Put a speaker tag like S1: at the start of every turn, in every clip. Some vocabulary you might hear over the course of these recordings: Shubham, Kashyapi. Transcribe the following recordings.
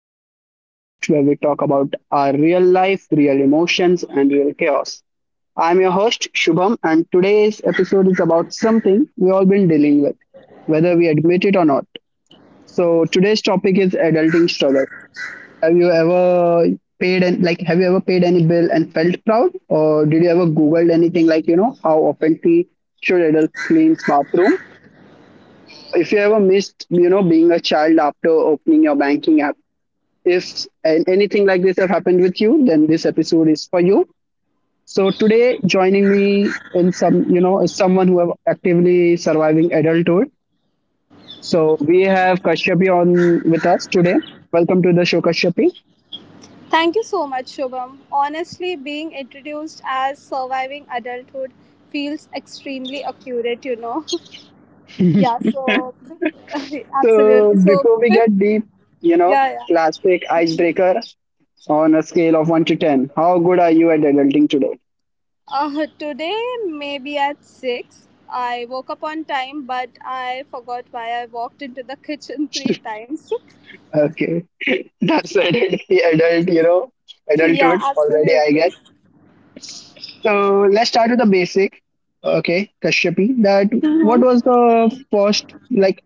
S1: back to the podcast where we talk about our real life, real emotions, and real chaos. I'm your host, Shubham, and today's episode is about something we all been dealing with, whether we admit it or not. So, today's topic is adulting struggle. Have you ever paid any bill and felt proud, or did you ever googled anything like, how often we should adults clean bathroom, if you ever missed, being a child after opening your banking app, if anything like this have happened with you, then this episode is for you. So today, joining me in some, is someone who are actively surviving adulthood. So we have Kashyapi on with us today. Welcome to the show, Kashyapi.
S2: Thank you so much, Shubham. Honestly, being introduced as surviving adulthood feels extremely accurate. Yeah, so
S1: So
S2: absolutely. So,
S1: before we
S2: yeah,
S1: get deep, you know,
S2: yeah.
S1: classic icebreaker, on a scale of one to ten. How good are you at adulting today?
S2: Today, maybe at 6, I woke up on time, but I forgot why I walked into the kitchen three times.
S1: Okay, that's the
S2: Yeah,
S1: adulthood already, I guess.
S2: absolutely.
S1: So let's start with the basic. Okay, Kashyapi, that what was the first like?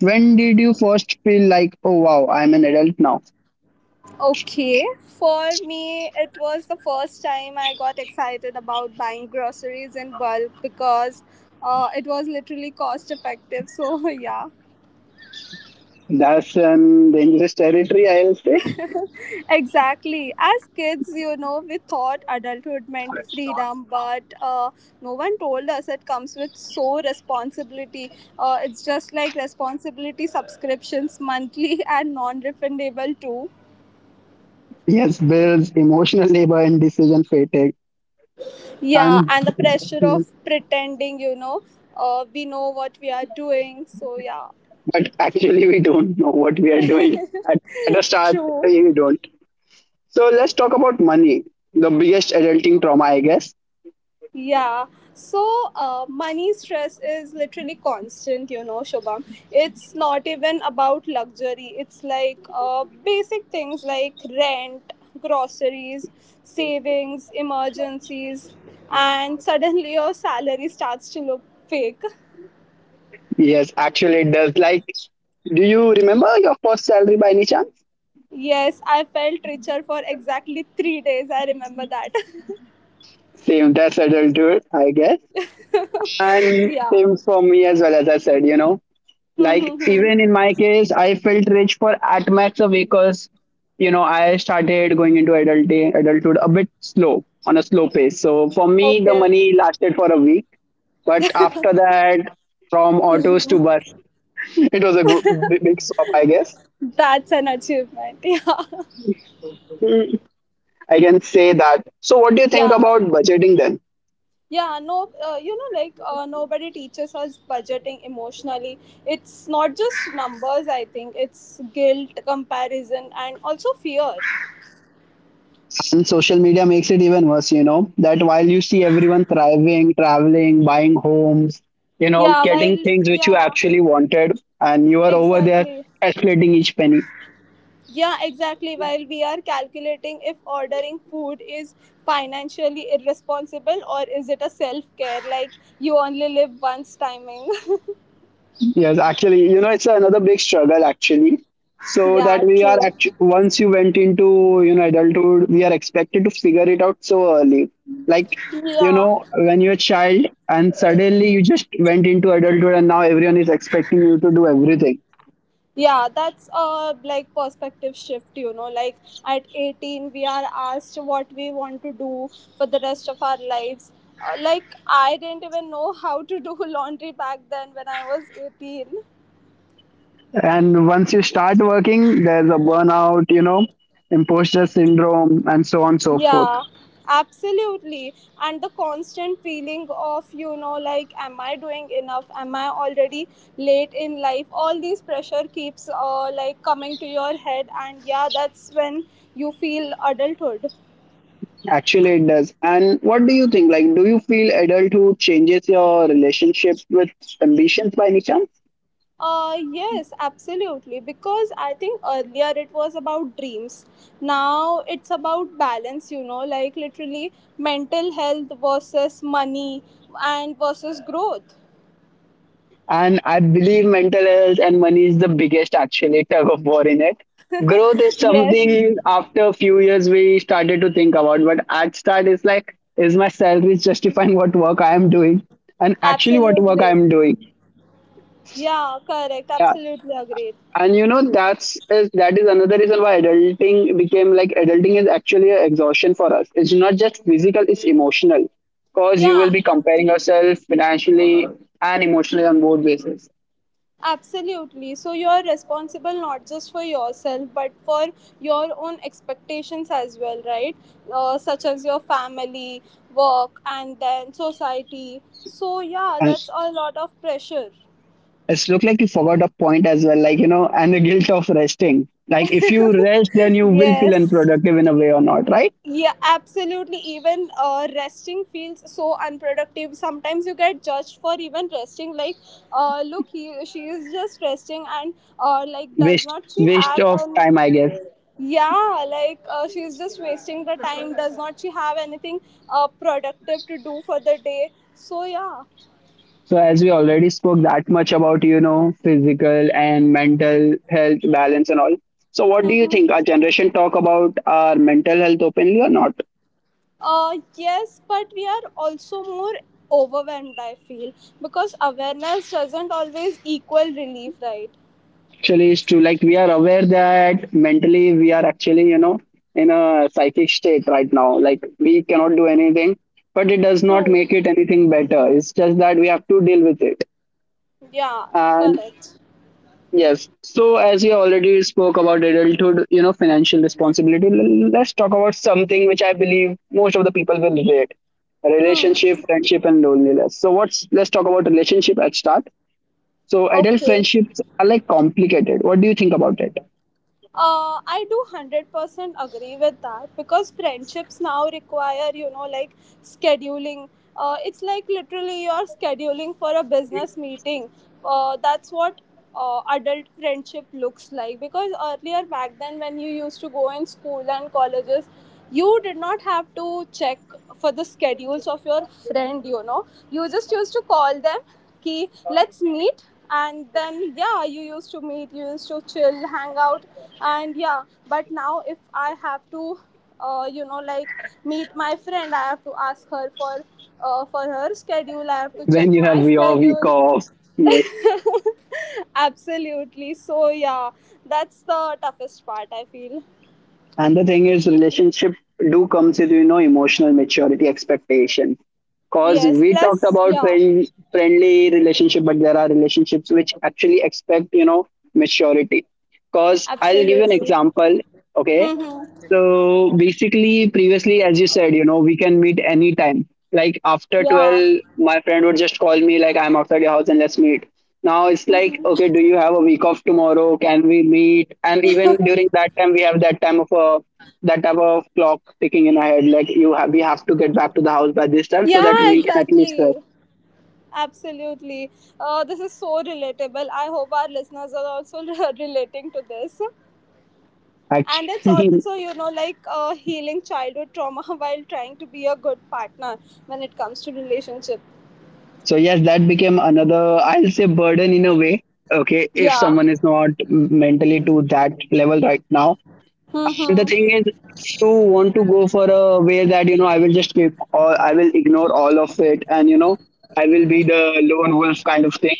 S1: When did you first feel like, oh wow, I'm an adult now?
S2: Okay, for me, it was the first time I got excited about buying groceries in bulk because it was literally cost effective. So, yeah,
S1: That's an dangerous territory, I'll say.
S2: exactly. As kids, you know, we thought adulthood meant freedom, but no one told us it comes with so responsibility. It's just like responsibility subscriptions monthly and non refundable too.
S1: Yes, bills, emotional labor, and decision fatigue.
S2: Yeah,
S1: And
S2: and the pressure of pretending, we know what we are doing. So, yeah,
S1: but actually, we don't know what we are doing. At, at the start,
S2: true.
S1: we don't. So let's talk about money, the biggest adulting trauma, I guess.
S2: Yeah, so money stress is literally constant, you know, Shobham. It's not even about luxury, it's like basic things like rent, groceries, savings, emergencies, and suddenly your salary starts to look fake.
S1: Yes, actually it does. Like, do you remember your first salary by any chance?
S2: Yes, I felt richer for exactly 3 days. I remember that.
S1: Same, that's adulthood, I guess. And
S2: Yeah.
S1: same for me as well, as I said, you know. Like, even
S2: Mm-hmm.
S1: in my case, I felt rich for at max a week because, you know, I started going into adult adulthood a bit slow, on a slow pace. So for me, the
S2: Okay,
S1: money lasted for a week. But after that, from autos to bus, it was a good, big swap, I guess.
S2: that's an achievement. Yeah,
S1: Hmm. I can say that. So, what do you think
S2: yeah,
S1: about budgeting then?
S2: yeah. No, you know, like nobody teaches us budgeting emotionally. It's not just numbers. I think it's guilt, comparison, and also fear.
S1: And social media makes it even worse, you know, that while you see everyone thriving, traveling, buying homes, you know,
S2: Yeah, while
S1: getting things which you
S2: yeah,
S1: actually wanted, and you are over there
S2: exactly.
S1: calculating each penny.
S2: Yeah, exactly. While we are calculating if ordering food is financially irresponsible or is it a self care, like you only live once timing.
S1: Yes, actually, you know, it's another big struggle actually. So that
S2: Yeah,
S1: we are
S2: true.
S1: actually, once you went into, you know, adulthood, we are expected to figure it out so early. Like you
S2: Yeah.
S1: know, when you're a child and suddenly you just went into adulthood, and now everyone is expecting you to do everything.
S2: Yeah, that's a like perspective shift, you know. Like at 18, we are asked what we want to do for the rest of our lives. Like I didn't even know how to do laundry back then when I was 18.
S1: And once you start working, there's a burnout, you know, imposter syndrome, and so on and so forth.
S2: Yeah, absolutely. And the constant feeling of, like, am I doing enough? Am I already late in life? All these pressure keeps like coming to your head, and yeah, that's when you feel adulthood.
S1: Actually, it does. And what do you think? Like, do you feel adulthood changes your relationship with ambitions by any chance?
S2: Yes, absolutely. Because I think earlier it was about dreams. Now it's about balance, you know, like literally mental health versus money and versus growth.
S1: And I believe mental health and money is the biggest actually tug of war in it. Growth is
S2: Yes,
S1: something after a few years we started to think about, but at start it's like, is my salary justifying what work I am doing? And actually what work
S2: absolutely.
S1: I am doing.
S2: Yeah, correct.
S1: Yeah.
S2: Absolutely agreed.
S1: And you know, that's is that is another reason why adulting became like adulting is actually an exhaustion for us. It's not just physical, it's emotional. Because you
S2: Yeah,
S1: will be comparing yourself financially and emotionally on both bases.
S2: absolutely. So you're responsible not just for yourself, but for your own expectations as well, right? Such as your family, work, and then society. So, yeah, that's a lot of pressure.
S1: It's look like you forgot a point as well, like you know, and the guilt of resting. Like if you rest, then you will feel
S2: Yes.
S1: unproductive in a way or not, right?
S2: Yeah, absolutely. Even resting feels so unproductive. Sometimes you get judged for even resting. Like, look, he, she is just resting, and like, does
S1: Waste
S2: not she
S1: waste
S2: have
S1: of
S2: any?
S1: time, I guess.
S2: Yeah, like she's just wasting the time. Does not she have anything productive to do for the day? So yeah.
S1: So as we already spoke that much about, you know, physical and mental health balance and all. So what do you think?
S2: Mm-hmm.
S1: Our generation talk about our mental health openly or not?
S2: Yes, but we are also more overwhelmed. I feel because awareness doesn't always equal relief, right?
S1: Actually it's true. Like we are aware that mentally we are actually, you know, in a psychic state right now. Like we cannot do anything, but it does not
S2: True.
S1: make it anything better. It's just that we have to deal with it.
S2: Yeah.
S1: And
S2: Correct.
S1: yes, so as you already spoke about adulthood, you know, financial responsibility, let's talk about something which I believe most of the people will relate:
S2: Hmm.
S1: relationship, friendship, and loneliness. So what's, let's talk about relationship at start. So adult
S2: Okay.
S1: friendships are like complicated. What do you think about it?
S2: I do 100% agree with that because friendships now require, like scheduling. It's like literally you're scheduling for a business meeting. That's what adult friendship looks like because earlier back then, when you used to go in school and colleges, you did not have to check for the schedules of your friend, you know, you just used to call them ki let's meet, and then yeah you used to meet, you used to chill, hang out. And yeah, but now if I have to like meet my friend, I have to ask her for her schedule. I have to
S1: When
S2: check
S1: you
S2: my
S1: have your week
S2: schedule.
S1: off. Yes.
S2: Absolutely, so yeah, that's the toughest part I feel.
S1: And the thing is, relationship do comes with, you know, emotional maturity expectation. Cause
S2: Yes,
S1: we talked
S2: plus
S1: about
S2: yeah,
S1: friendly relationship, but there are relationships which actually expect, you know, maturity. Cause I'll give you an
S2: absolutely.
S1: example. Okay,
S2: Mm-hmm.
S1: so basically, previously, as you said, you know, we can meet anytime. Like after
S2: Yeah,
S1: 12, my friend would just call me, like, I'm outside your house and let's meet. Now it's like, okay, do you have a week off tomorrow? Can we meet? And even during that time, we have that type of clock ticking in our head. Like we have to get back to the house by this time so that
S2: yeah,
S1: we can at least
S2: exactly. Absolutely. This is so relatable. I hope our listeners are also relating to this. And it's
S1: actually.
S2: also, you know, like healing childhood trauma while trying to be a good partner when it comes to relationship.
S1: So yes, that became another, I'll say, burden in a way. Okay, if
S2: Yeah.
S1: someone is not mentally to that level right now. And the thing is,
S2: Mm-hmm.
S1: if you want to go for a way that, you know, I will just keep, or I will ignore all of it and, you know, I will be the lone wolf kind of thing.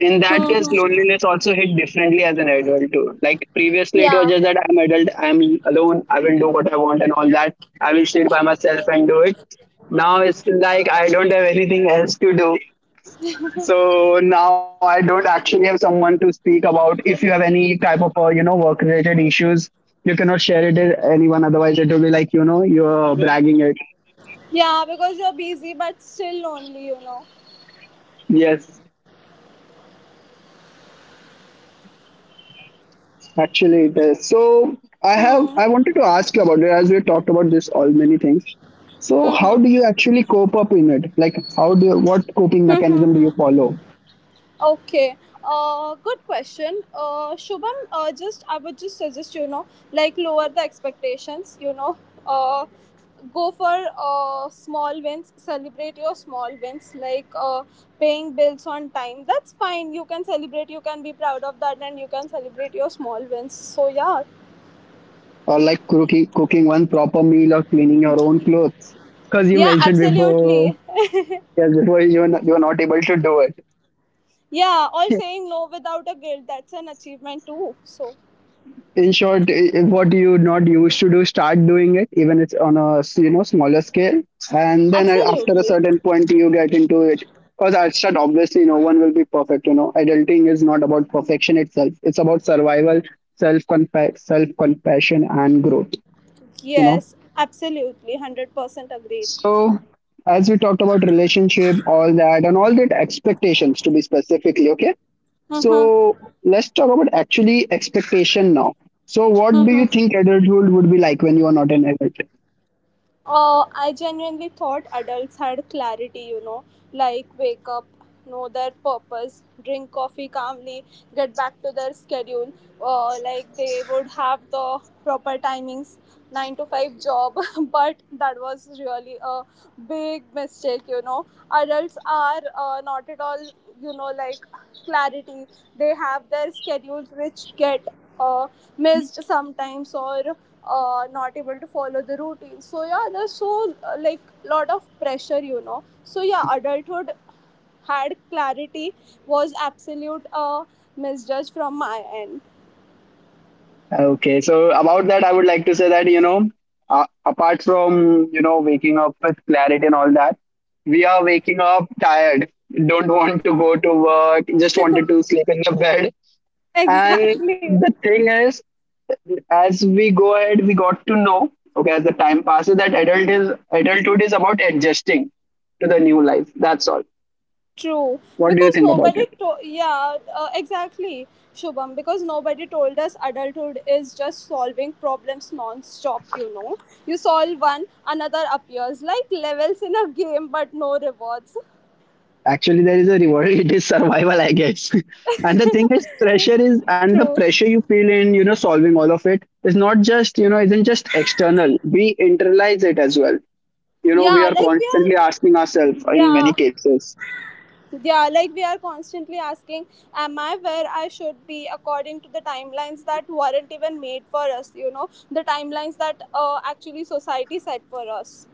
S1: In that case,
S2: Mm-hmm.
S1: loneliness also hit differently as an adult too. Like previously, it was
S2: Yeah.
S1: just that I'm adult, I'm alone, I will do what I want and all that. I will sit by myself and do it. Now it's like I don't have anything else to do, so now I don't actually have someone to speak about if you have any type of you know, work related issues. You cannot share it with anyone, otherwise it will be like, you know, you're bragging it.
S2: Yeah, because you're busy but still lonely, you know.
S1: Yes, actually it is so. I
S2: Hmm.
S1: wanted to ask you about it, as we talked about this all many things. So how
S2: Mm-hmm.
S1: do you actually cope up in it? Like what coping mechanism do you follow?
S2: Okay. Good question. Shubham, just I would just suggest you know, like lower the expectations. You know, uh, go for small wins. Celebrate your small wins, like paying bills on time. That's fine. You can celebrate. You can be proud of that, and you can celebrate your small wins. So yeah,
S1: Or like cooking one proper meal or cleaning your own clothes, because you
S2: yeah,
S1: mentioned before.
S2: absolutely.
S1: Yes, before you were not able to do it.
S2: Yeah, or saying no without a guilt. That's an achievement too. So
S1: In short, what you not used to do, start doing it, even it's on a you know, smaller scale, and then after a
S2: absolutely,
S1: certain point, you get into it. Because at start, obviously, no one will be perfect. You know, adulting is not about perfection itself; it's about survival, self self compassion, and growth. You know,
S2: yes, absolutely, 100% agreed.
S1: so as we talked about relationship, all that, and all that expectations to be specifically okay.
S2: Mm-hmm.
S1: So let's talk about actually expectation now. So what do you
S2: Mm-hmm.
S1: think adulthood would be like when you are not an adult?
S2: I genuinely thought adults had clarity, you know, like wake up, know their purpose, drink coffee calmly, get back to their schedule. Like they would have the proper timings, 9 to 5 job. But that was really a big mistake, you know. Adults are not at all, you know, like clarity. They have their schedules which get missed sometimes or not able to follow the routine. So yeah, there's so like lot of pressure, you know. So yeah, adulthood had clarity was absolute misjudge from my end.
S1: Okay, so about that, I would like to say that, you know, apart from, you know, waking up with clarity and all that, we are waking up tired, don't want to go to work, just wanted to sleep in the bed. And
S2: Exactly,
S1: the thing is, as we go ahead, we got to know, okay, as the time passes, that adulthood is about adjusting to the new life. That's all.
S2: true.
S1: What do you
S2: Because
S1: think about it?
S2: yeah, exactly, Shubham, because nobody told us adulthood is just solving problems non-stop, you know. You solve one, another appears like levels in a game, but no rewards.
S1: Actually, there is a reward. It is survival, I guess. And the thing is, pressure is, and the
S2: True.
S1: pressure you feel in, you know, solving all of it is not just, you know, isn't just external. We internalize it as well. You know, we
S2: Yeah,
S1: are
S2: like we are.
S1: constantly asking ourselves in many
S2: Yeah,
S1: cases.
S2: yeah, like we are constantly asking, am I where I should be according to the timelines that weren't even made for us? You know, the timelines that actually society set for us.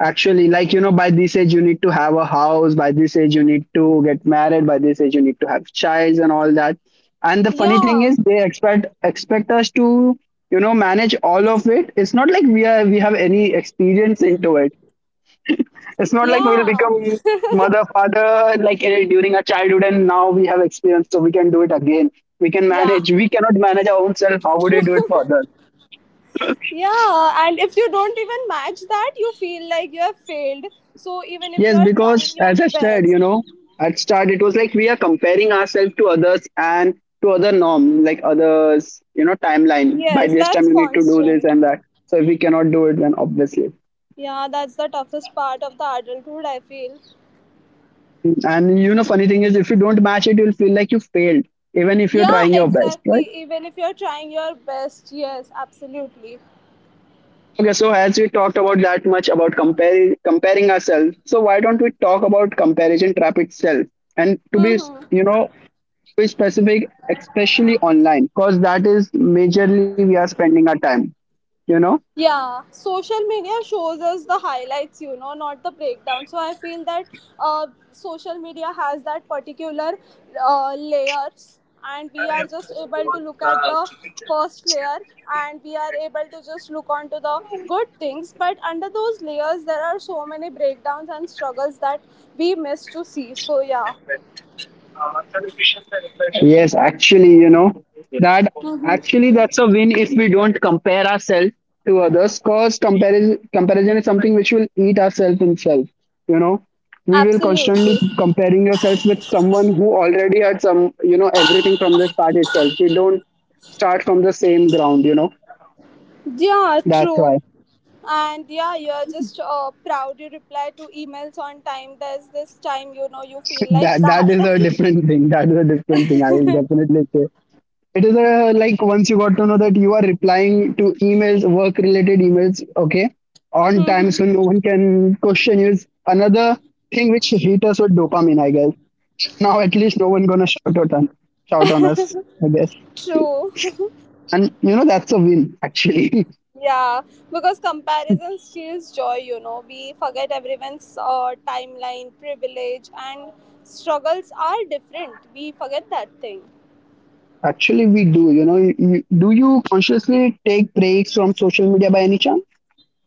S1: Actually, like, you know, by this age, you need to have a house. By this age, you need to get married. By this age, you need to have childs and all that. And the funny thing
S2: Yeah,
S1: is, they expect us to, you know, manage all of it. It's not like we have any experience into it. It's not like we'll
S2: yeah,
S1: become mother, father, like during our childhood, and now we have experience, so we can do it again. We can
S2: yeah,
S1: manage. We cannot manage our own self. How would we
S2: true.
S1: do it for others?
S2: Yeah, and if you don't even match that, you feel like you have failed. So even if
S1: Yes,
S2: you're trying
S1: because
S2: your
S1: as I said,
S2: best,
S1: you know, at start it was like we are comparing ourselves to others and to other norm, like others, you know, timeline. By
S2: yes,
S1: this
S2: that's
S1: time you need to do this
S2: constant.
S1: and that. So if we cannot do it, then obviously.
S2: Yeah, that's the toughest part of the adulthood, I feel.
S1: And you know, funny thing is, if you don't match it, you'll feel like you failed, even if you're
S2: Yeah,
S1: trying your best,
S2: exactly.
S1: right?
S2: Even if you're trying your best, yes, absolutely.
S1: Okay, so as we talked about that much about comparing ourselves, so why don't we talk about comparison trap itself? And to be, you
S2: Mm-hmm.
S1: know, be specific, especially online, because that is majorly we are spending our time, you know.
S2: Yeah, social media shows us the highlights, you know, not the breakdown. So I feel that social media has that particular layers, and we are just able to look at the first layer, and we are able to just look onto the good things. But under those layers there are so many breakdowns and struggles that we miss to see, so yeah,
S1: Yes, actually, you know, that actually that's a win if we don't compare ourselves to others, because comparison is something which will eat ourselves in self, you know. We will
S2: absolutely.
S1: constantly comparing yourself with someone who already had some, you know, everything from the start itself. We don't start from the same ground, you know.
S2: Yeah,
S1: That's
S2: true.
S1: why.
S2: And yeah, you're just proud you reply to emails on time. There's this time, you know, you feel like
S1: That is a
S2: that.
S1: different thing. That is a different thing, I will definitely say. It is a, like, once you got to know that you are replying to emails, work related emails, okay, on time,
S2: Mhm.
S1: so no one can question you is another thing which hit us with dopamine, I guess. Now at least no one gonna shout on us, I guess.
S2: True.
S1: And you know, that's a win actually.
S2: Yeah, because comparison steals joy, you know. We forget everyone's timeline, privilege, and struggles are different. We forget that thing.
S1: Actually we do, you know. Do you consciously take breaks from social media by any chance?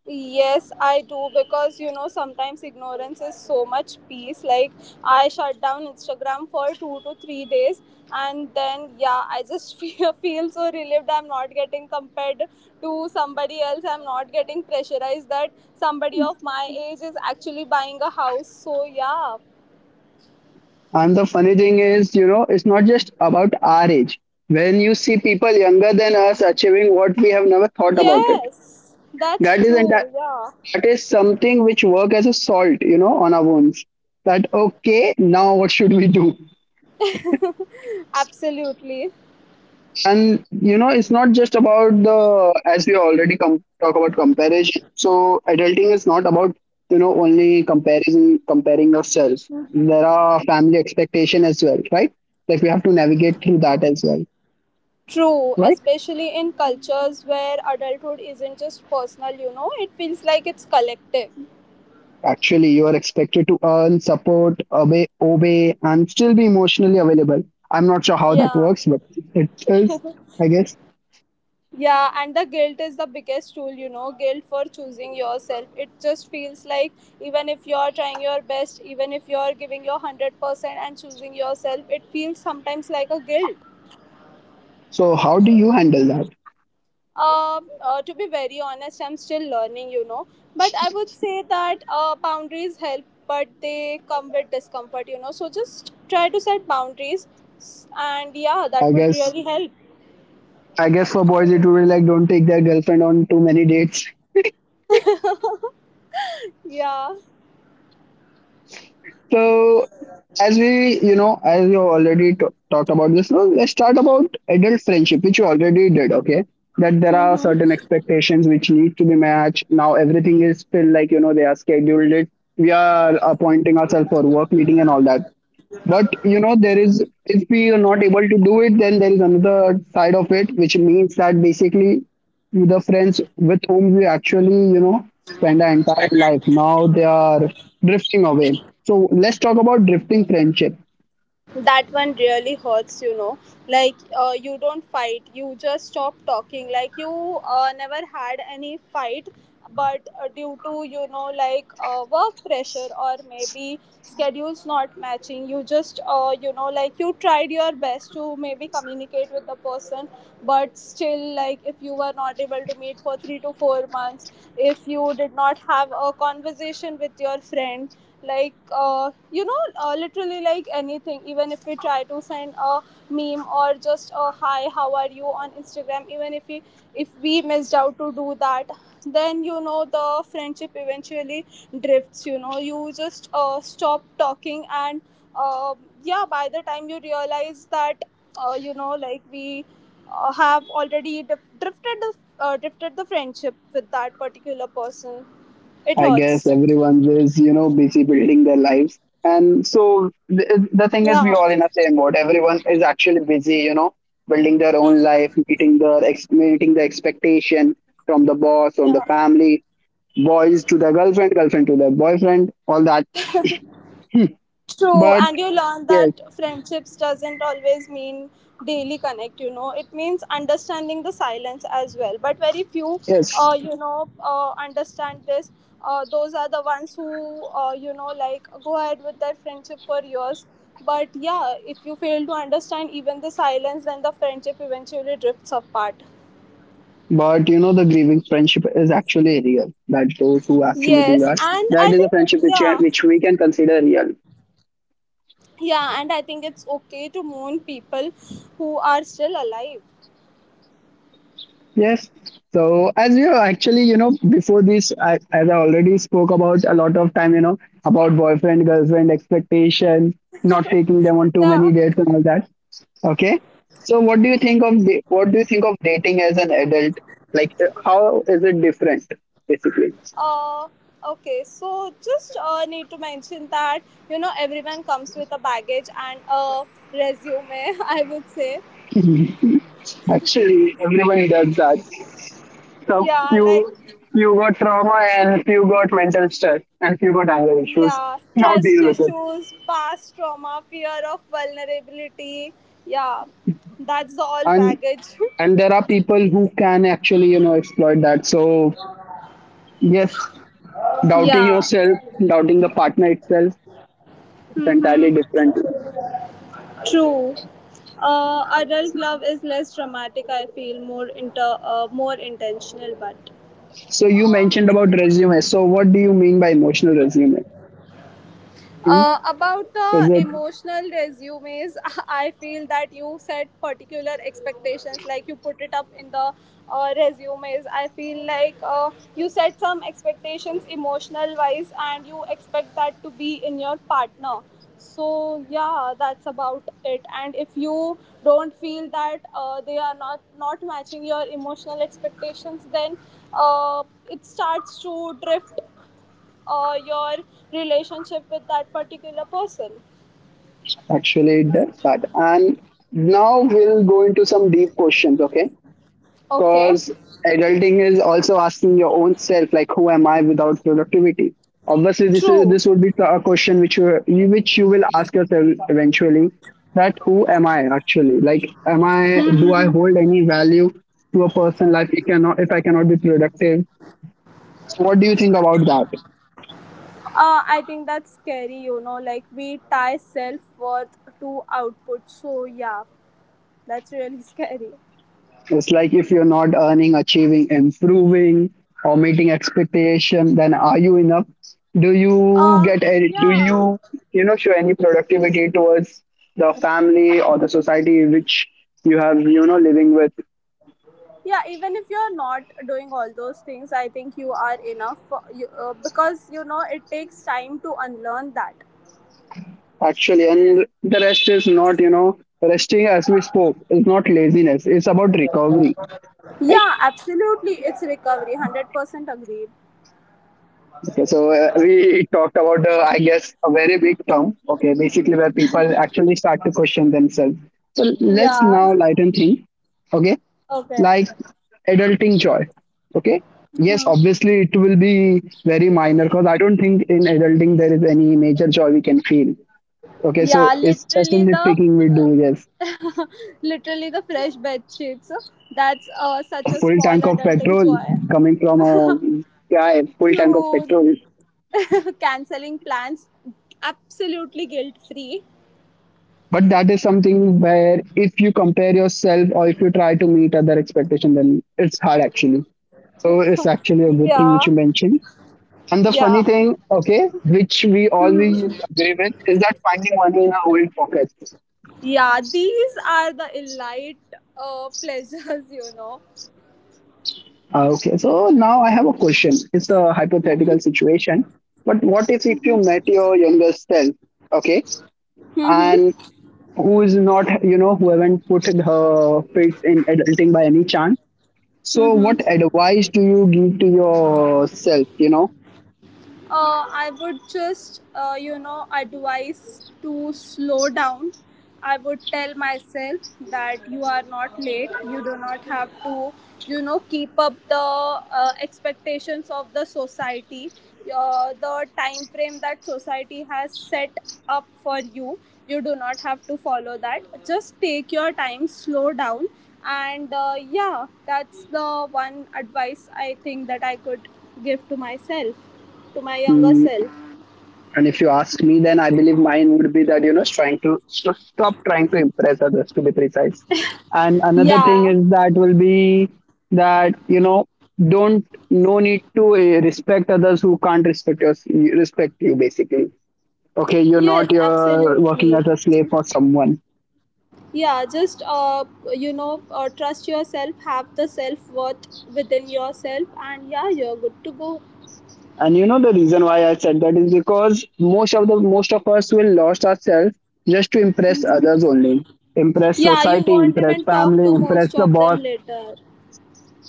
S2: Yes, I do because you know sometimes ignorance is so much peace. Like I shut down Instagram for 2 to 3 days, and then yeah, I just feel so relieved. I'm not getting compared to somebody else. I'm not getting pressurized that somebody of my age is actually buying a house. So yeah,
S1: And the funny thing is, you know, it's not just about our age. When you see people younger than us achieving what we have never thought about it,
S2: yes, that's
S1: that is enti-
S2: true. Yeah,
S1: that is something which work as a salt, you know, on our wounds. That okay, now what should we do?
S2: absolutely.
S1: And you know, it's not just about the, as we already com- talk about comparison. So adulting is not about, you know, only comparison comparing yourself. There are family expectation as well, right? Like we have to navigate through that as well,
S2: True,
S1: right?
S2: especially in cultures where adulthood isn't just personal, you know, it feels like it's collective.
S1: Actually, you are expected to earn, support, obey, and still be emotionally available. I'm not sure how that
S2: Yeah.
S1: works, but it is, I guess.
S2: Yeah, and the guilt is the biggest tool, you know, guilt for choosing yourself. It just feels like even if you're trying your best, even if you're giving your 100% and choosing yourself, it feels sometimes like a guilt.
S1: So how do you handle that?
S2: To be very honest, I'm still learning, you know. But I would say that boundaries help, but they come with discomfort, you know. So just try to set boundaries, and yeah,
S1: I
S2: that would
S1: guess
S2: really help.
S1: I guess for boys it would be like don't take their girlfriend on too many dates.
S2: Yeah.
S1: So as we, you know, as we already t- talked about this, so let's start about adult friendship which you already did, okay, that there are
S2: Mm-hmm.
S1: certain expectations which need to be matched now. Everything is still like, you know, they are scheduled it. We are appointing ourselves for work meeting and all that. But you know, there is, if we are not able to do it, then there is another side of it, which means that basically the friends with whom we actually, you know, spend our entire life, now they are drifting away. So let's talk about drifting friendship.
S2: That one really hurts, you know. Like, you don't fight, you just stop talking. Like, you never had any fight, but due to, you know, like work pressure or maybe schedules not matching, you just, you know, like you tried your best to maybe communicate with the person. But still, like, if you were not able to meet for 3 to 4 months, if you did not have a conversation with your friend, like you know, literally like anything, even if we try to send a meme or just a hi how are you on Instagram, even if we missed out to do that, then you know the friendship eventually drifts. You know, you just stop talking, and uh, yeah, by the time you realize that you know, like we have already drifted the friendship with that particular person, it
S1: I
S2: hurts.
S1: guess everyone is, you know, busy building their lives. And so the thing is, we
S2: Yeah.
S1: all in the same boat. Everyone is actually busy, you know, building their own life, meeting meeting the expectation from the boss, from the
S2: Yeah,
S1: family, boys to their girlfriend, girlfriend to their boyfriend, all that.
S2: true.
S1: But
S2: And you learn
S1: yes,
S2: that friendships doesn't always mean daily connect. You know, it means understanding the silence as well. But very few,
S1: yes.
S2: you know, understand this. Those are the ones who, you know, like go ahead with their friendship for years. But yeah, if you fail to understand even the silence, then the friendship eventually drifts apart.
S1: But you know, the grieving friendship is actually real. That those who actually do
S2: Yes,
S1: that,
S2: and I
S1: that is a
S2: think
S1: friendship which
S2: yeah,
S1: we can consider real.
S2: yeah, and I think it's okay to mourn people who are still alive.
S1: Yes. So as you actually, you know, before this, I, as I already spoke about a lot of time, you know, about boyfriend, girlfriend expectation, not taking them on too
S2: Yeah.
S1: many dates and all that. Okay. So what do you think of dating as an adult? Like how is it different basically?
S2: Uh, okay, so just need to mention that you know everyone comes with a baggage and a resume, I would say.
S1: Actually, everyone does that. So
S2: Yeah, like
S1: few got trauma and few got mental stress and few got anger issues.
S2: yeah,
S1: Now
S2: trust
S1: deal with it.
S2: issues, past trauma, fear of vulnerability. Yeah, that's all
S1: And
S2: baggage.
S1: and there are people who can actually, you know, exploit that. So yes, doubting
S2: Yeah.
S1: yourself, doubting the partner itself, it's entirely
S2: Mm-hmm.
S1: different.
S2: True. Adult love is less dramatic. I feel more inter more intentional, but...
S1: So you mentioned about resume. So what do you mean by emotional resume? Hmm?
S2: About
S1: Is
S2: the
S1: it
S2: emotional resumes, I feel that you set particular expectations, like you put it up in the resumes. I feel like you set some expectations emotional wise, and you expect that to be in your partner. So yeah, that's about it. And if you don't feel that they are not matching your emotional expectations, then uh, it starts to drift your relationship with that particular person.
S1: actually does that? And now we'll go into some deep questions, okay?
S2: Okay,
S1: Because adulting is also asking your own self, like who am I without productivity? Obviously, this is
S2: true.
S1: this would be a question which you will ask yourself eventually. That who am I actually? Like, am I do I hold any value to a person's life? If I cannot be productive. So what do you think about that?
S2: I think that's scary, you know, like we tie self worth to output. So, yeah, that's really scary.
S1: It's like if you're not earning, achieving, improving, or meeting expectation, then are you enough?
S2: Uh,
S1: Do
S2: yeah,
S1: you, you know, show any productivity towards the family or the society which you have, you know, living with
S2: yeah, even if you're not doing all those things, I think you are enough for, you, because, you know, it takes time to unlearn that.
S1: actually? And the rest is not, you know, resting, as we spoke, is not laziness. It's about recovery. Right?
S2: Yeah, absolutely. It's recovery. 100% agreed.
S1: Okay, so we talked about, I guess, a very big term. Okay, basically where people actually start to question themselves. So let's
S2: Yeah.
S1: now lighten things. Okay,
S2: Okay.
S1: like adulting joy. Okay, yes,
S2: hmm
S1: obviously it will be very minor because I don't think in adulting there is any major joy we can feel. Okay, so
S2: Yeah,
S1: it's just a nitpicking we do. Yes,
S2: literally the fresh bed sheets. So, that's such
S1: a
S2: a
S1: full
S2: small
S1: tank of
S2: adulting
S1: petrol
S2: joy.
S1: coming from a guy, full tank of
S2: Cute.
S1: petrol.
S2: Canceling plans, absolutely guilt free.
S1: But that is something where if you compare yourself or if you try to meet other expectation, then it's hard actually. So it's actually a good thing which
S2: Yeah,
S1: you mentioned. And the funny
S2: yeah,
S1: thing, okay, which we always agree with, is that finding money in our own pockets.
S2: yeah. These are the elite pleasures, you know.
S1: Okay, so now I have a question, it's a hypothetical situation, but what if you met your younger self, okay, and
S2: Mm-hmm.
S1: who is not, you know, who haven't put her fits in adulting by any chance. So,
S2: Mm-hmm.
S1: what advice do you give to yourself? You know,
S2: I would just, you know, advise to slow down. I would tell myself that you are not late. You do not have to, you know, keep up the expectations of the society, the time frame that society has set up for you. You do not have to follow that. Just take your time, slow down, and yeah, that's the one advice I think that I could give to myself, to my younger
S1: mm,
S2: self.
S1: and if you ask me, then I believe mine would be that, you know, trying to stop trying to impress others, to be precise. And another thing
S2: Yeah.
S1: is that will be that, you know, don't, no need to respect others who can't respect you basically. Okay, you're
S2: Yes,
S1: not, you're working
S2: absolutely.
S1: as a slave for someone.
S2: Yeah, just you know trust yourself, have the self-worth within yourself, and yeah, you're good to go.
S1: And you know the reason why I said that is because most of us will lost ourselves just to impress others only. Impress
S2: Yeah, you
S1: society,
S2: won't
S1: impress
S2: even talk
S1: family,
S2: to
S1: impress
S2: most
S1: the
S2: of them
S1: boss.
S2: later.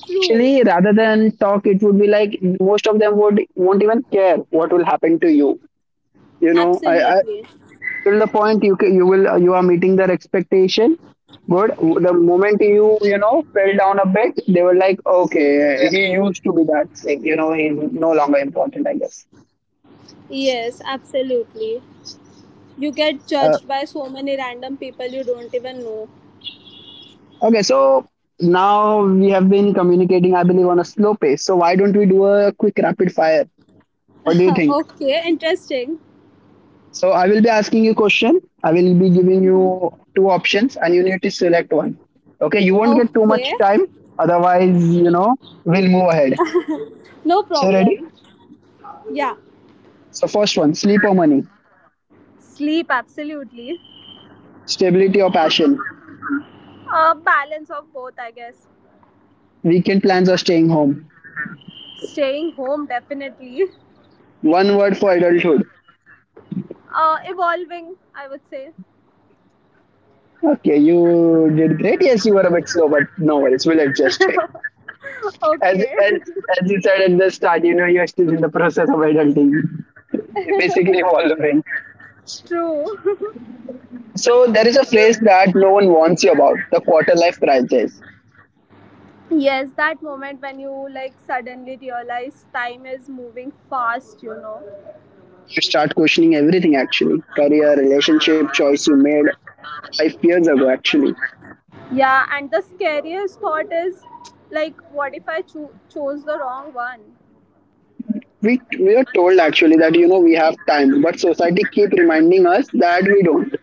S2: True.
S1: Actually, rather than talk, it would be like most of them would won't even care what will happen to you. You know, I,
S2: Absolutely.
S1: till the point you will, you are meeting their expectation. Good. The moment you, you know, fell down a bit, they were like, okay, he used to be that sick. You know, he's no longer important, I guess.
S2: Yes, absolutely. You get
S1: Uh,
S2: judged by so many random people you don't even know.
S1: Okay, so now we have been communicating, I believe, on a slow pace. So why don't we do a quick rapid fire? What do you think?
S2: Okay, interesting.
S1: So I will be asking you question. I will be giving you two options, and you need to select one. Okay, you won't get too
S2: Okay,
S1: much time. Otherwise, you know, we'll move ahead.
S2: no
S1: So ready?
S2: problem. Yeah,
S1: So first one: sleep or money,
S2: sleep, absolutely.
S1: stability or passion,
S2: A balance of both, I guess.
S1: weekend plans or staying home.
S2: Staying home, definitely.
S1: One word for adulthood.
S2: Evolving, I would say.
S1: Okay, you did great. Yes, you were a bit slow, but no worries. We'll adjust. as
S2: Okay.
S1: as as you said at the start, you know, you're still in the process of adulting, basically evolving.
S2: True.
S1: So there is a phrase that no one warns you about: the quarter life crisis.
S2: Yes, that moment when you like suddenly realize time is moving fast, you know.
S1: You start questioning everything, actually, career, relationship, choice you made 5 years ago. Actually,
S2: Yeah, and the scariest thought is like, what if I chose the wrong one?
S1: we are told actually that, you know, we have time, but society keep reminding us that we don't.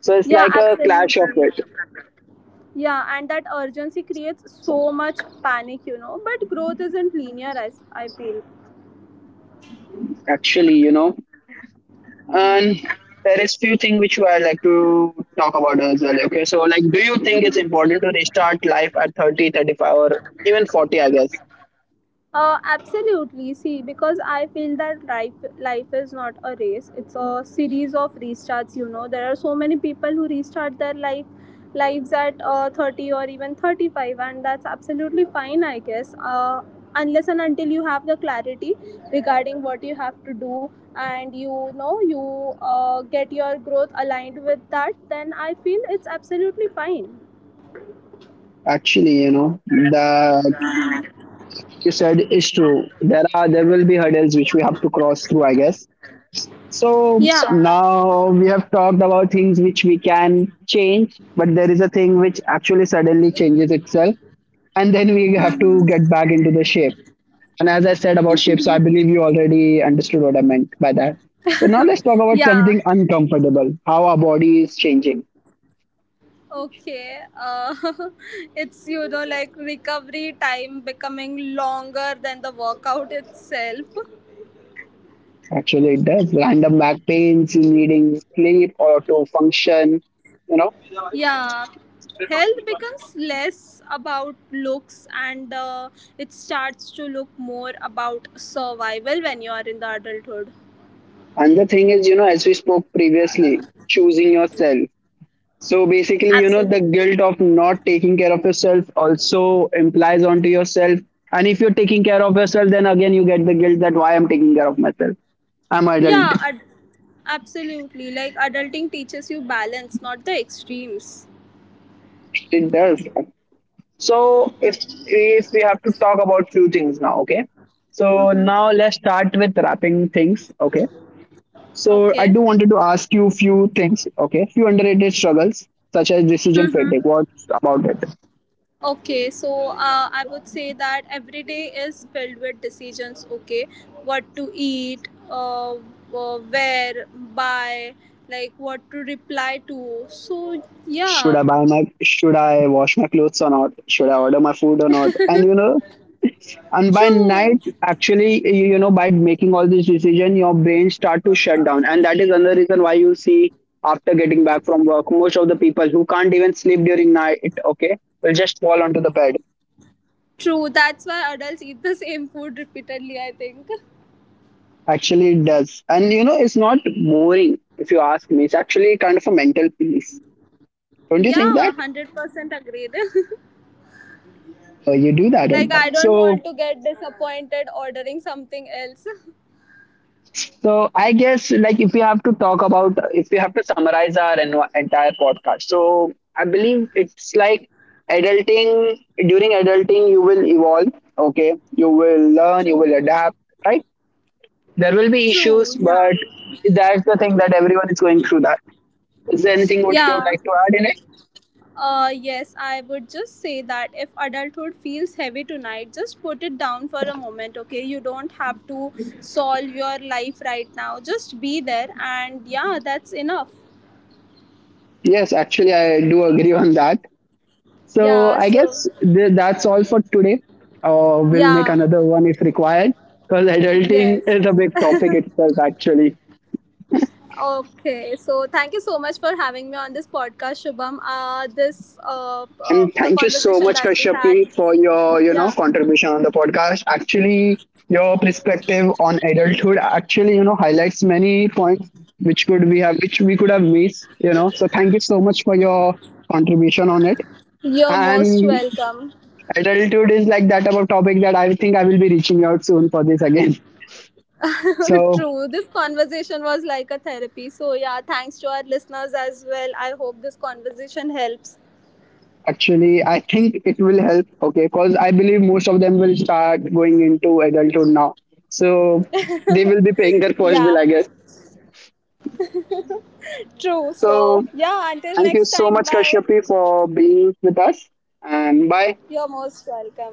S1: So it's
S2: Yeah,
S1: like a clash of
S2: absolutely.
S1: it.
S2: Yeah, and that urgency creates so much panic, you know. But growth isn't linear, I feel.
S1: Actually, you know, and there is few things which I like to talk about as well. Okay, so like, do you think it's important to restart life at 30, 35, or even 40? I guess
S2: Absolutely. See, because I feel that life is not a race. It's a series of restarts. You know, there are so many people who restart their life lives at 30 or even 35, and that's absolutely fine, I guess. Unless and until you have the clarity regarding what you have to do, and you know you get your growth aligned with that, then I feel it's absolutely fine.
S1: actually, you know, the like you said is true. There will be hurdles which we have to cross through, I guess. So
S2: Yeah.
S1: now we have talked about things which we can change, but there is a thing which actually suddenly changes itself, and then we have to
S2: Mhm.
S1: get back into the shape. And as I said about shapes, I believe you already understood what I meant by that. So now let's talk about
S2: Yeah.
S1: something uncomfortable, how our body is changing.
S2: Okay, it's you know like recovery time becoming longer than the workout itself.
S1: Actually, it does. Random back pains, needing sleep or to function, you know.
S2: Yeah, health becomes less about looks and it starts to look more about survival when you are in the adulthood.
S1: And the thing is, you know, as we spoke previously, choosing yourself. So basically, you know, the
S2: Absolutely.
S1: guilt of not taking care of yourself also implies onto yourself. And if you're taking care of yourself, then again you get the guilt that why I'm taking care of myself. I'm adult.
S2: Yeah, absolutely. Like adulting teaches you balance, not the extremes.
S1: It does. So if we have to talk about few things now, okay. So
S2: Mm-hmm.
S1: now let's start with wrapping things, okay. So I
S2: Okay.
S1: do wanted to ask you few things, okay. Few underrated struggles such as decision
S2: Mm-hmm.
S1: fatigue. What's about it?
S2: Okay, so I would say that every day is filled with decisions. Okay, what to eat, where, buy, like what to reply to. So,
S1: Should
S2: yeah,
S1: I buy my? Should I wash my clothes or not? Should I order my food or not? And you know, and by
S2: true,
S1: night actually, you know, by making all this decision, your brain start to shut down, and that is another reason why you see, after getting back from work, most of the people who can't even sleep during night, okay, will just fall onto the bed.
S2: true. That's why adults eat the same food repeatedly, I think.
S1: Actually it does, and you know, it's not boring, if you ask me, it's actually kind of a mental piece, don't
S2: Yeah,
S1: you think that?
S2: 100% agreed.
S1: So you do
S2: Like,
S1: that on
S2: I
S1: that,
S2: don't want to
S1: so.
S2: get disappointed ordering something else.
S1: So I guess, like, if we have to talk about, if we have to summarize our entire podcast. So I believe it's like adulting, during adulting you will evolve, okay? You will learn, you will
S2: True,
S1: adapt, right? There will be
S2: true,
S1: issues,
S2: yeah,
S1: but that's the thing that everyone is going through that. Is there anything would you
S2: yeah.
S1: like to add in it?
S2: Yes, I would just say that if adulthood feels heavy tonight, just put it down for a moment, okay? You don't have to solve your life right now. Just be there, and yeah, that's enough.
S1: Yes, actually I do agree on that. So
S2: Yeah,
S1: I
S2: so,
S1: guess that's all for today. We'll make
S2: yeah,
S1: another one if required, because adulting
S2: yes.
S1: is a big topic itself, actually.
S2: Okay, so thank you so much for having me on this podcast, Shubham. This,
S1: And
S2: the
S1: thank you so
S2: conversation
S1: much,
S2: that we had,
S1: Kashyapi, for your, you know,
S2: yeah,
S1: contribution on the podcast. Actually, your perspective on adulthood actually, you know, highlights many points which could we have which we could have missed. You know, so thank you so much for your contribution on it.
S2: you're most
S1: And
S2: welcome.
S1: adulthood is like that about topic that I think I will be reaching out soon for this again. So
S2: True. This conversation was like a therapy. So, yeah, thanks to our listeners as well. I hope this conversation helps.
S1: actually, I think it will help. Okay, because I believe most of them will start going into adulthood now, so they will be paying their first
S2: Yeah,
S1: bill, I guess.
S2: true. So,
S1: So
S2: yeah, until next
S1: thank you
S2: time,
S1: so much,
S2: bye.
S1: Kashyapi, for being with us, and bye.
S2: You're most welcome.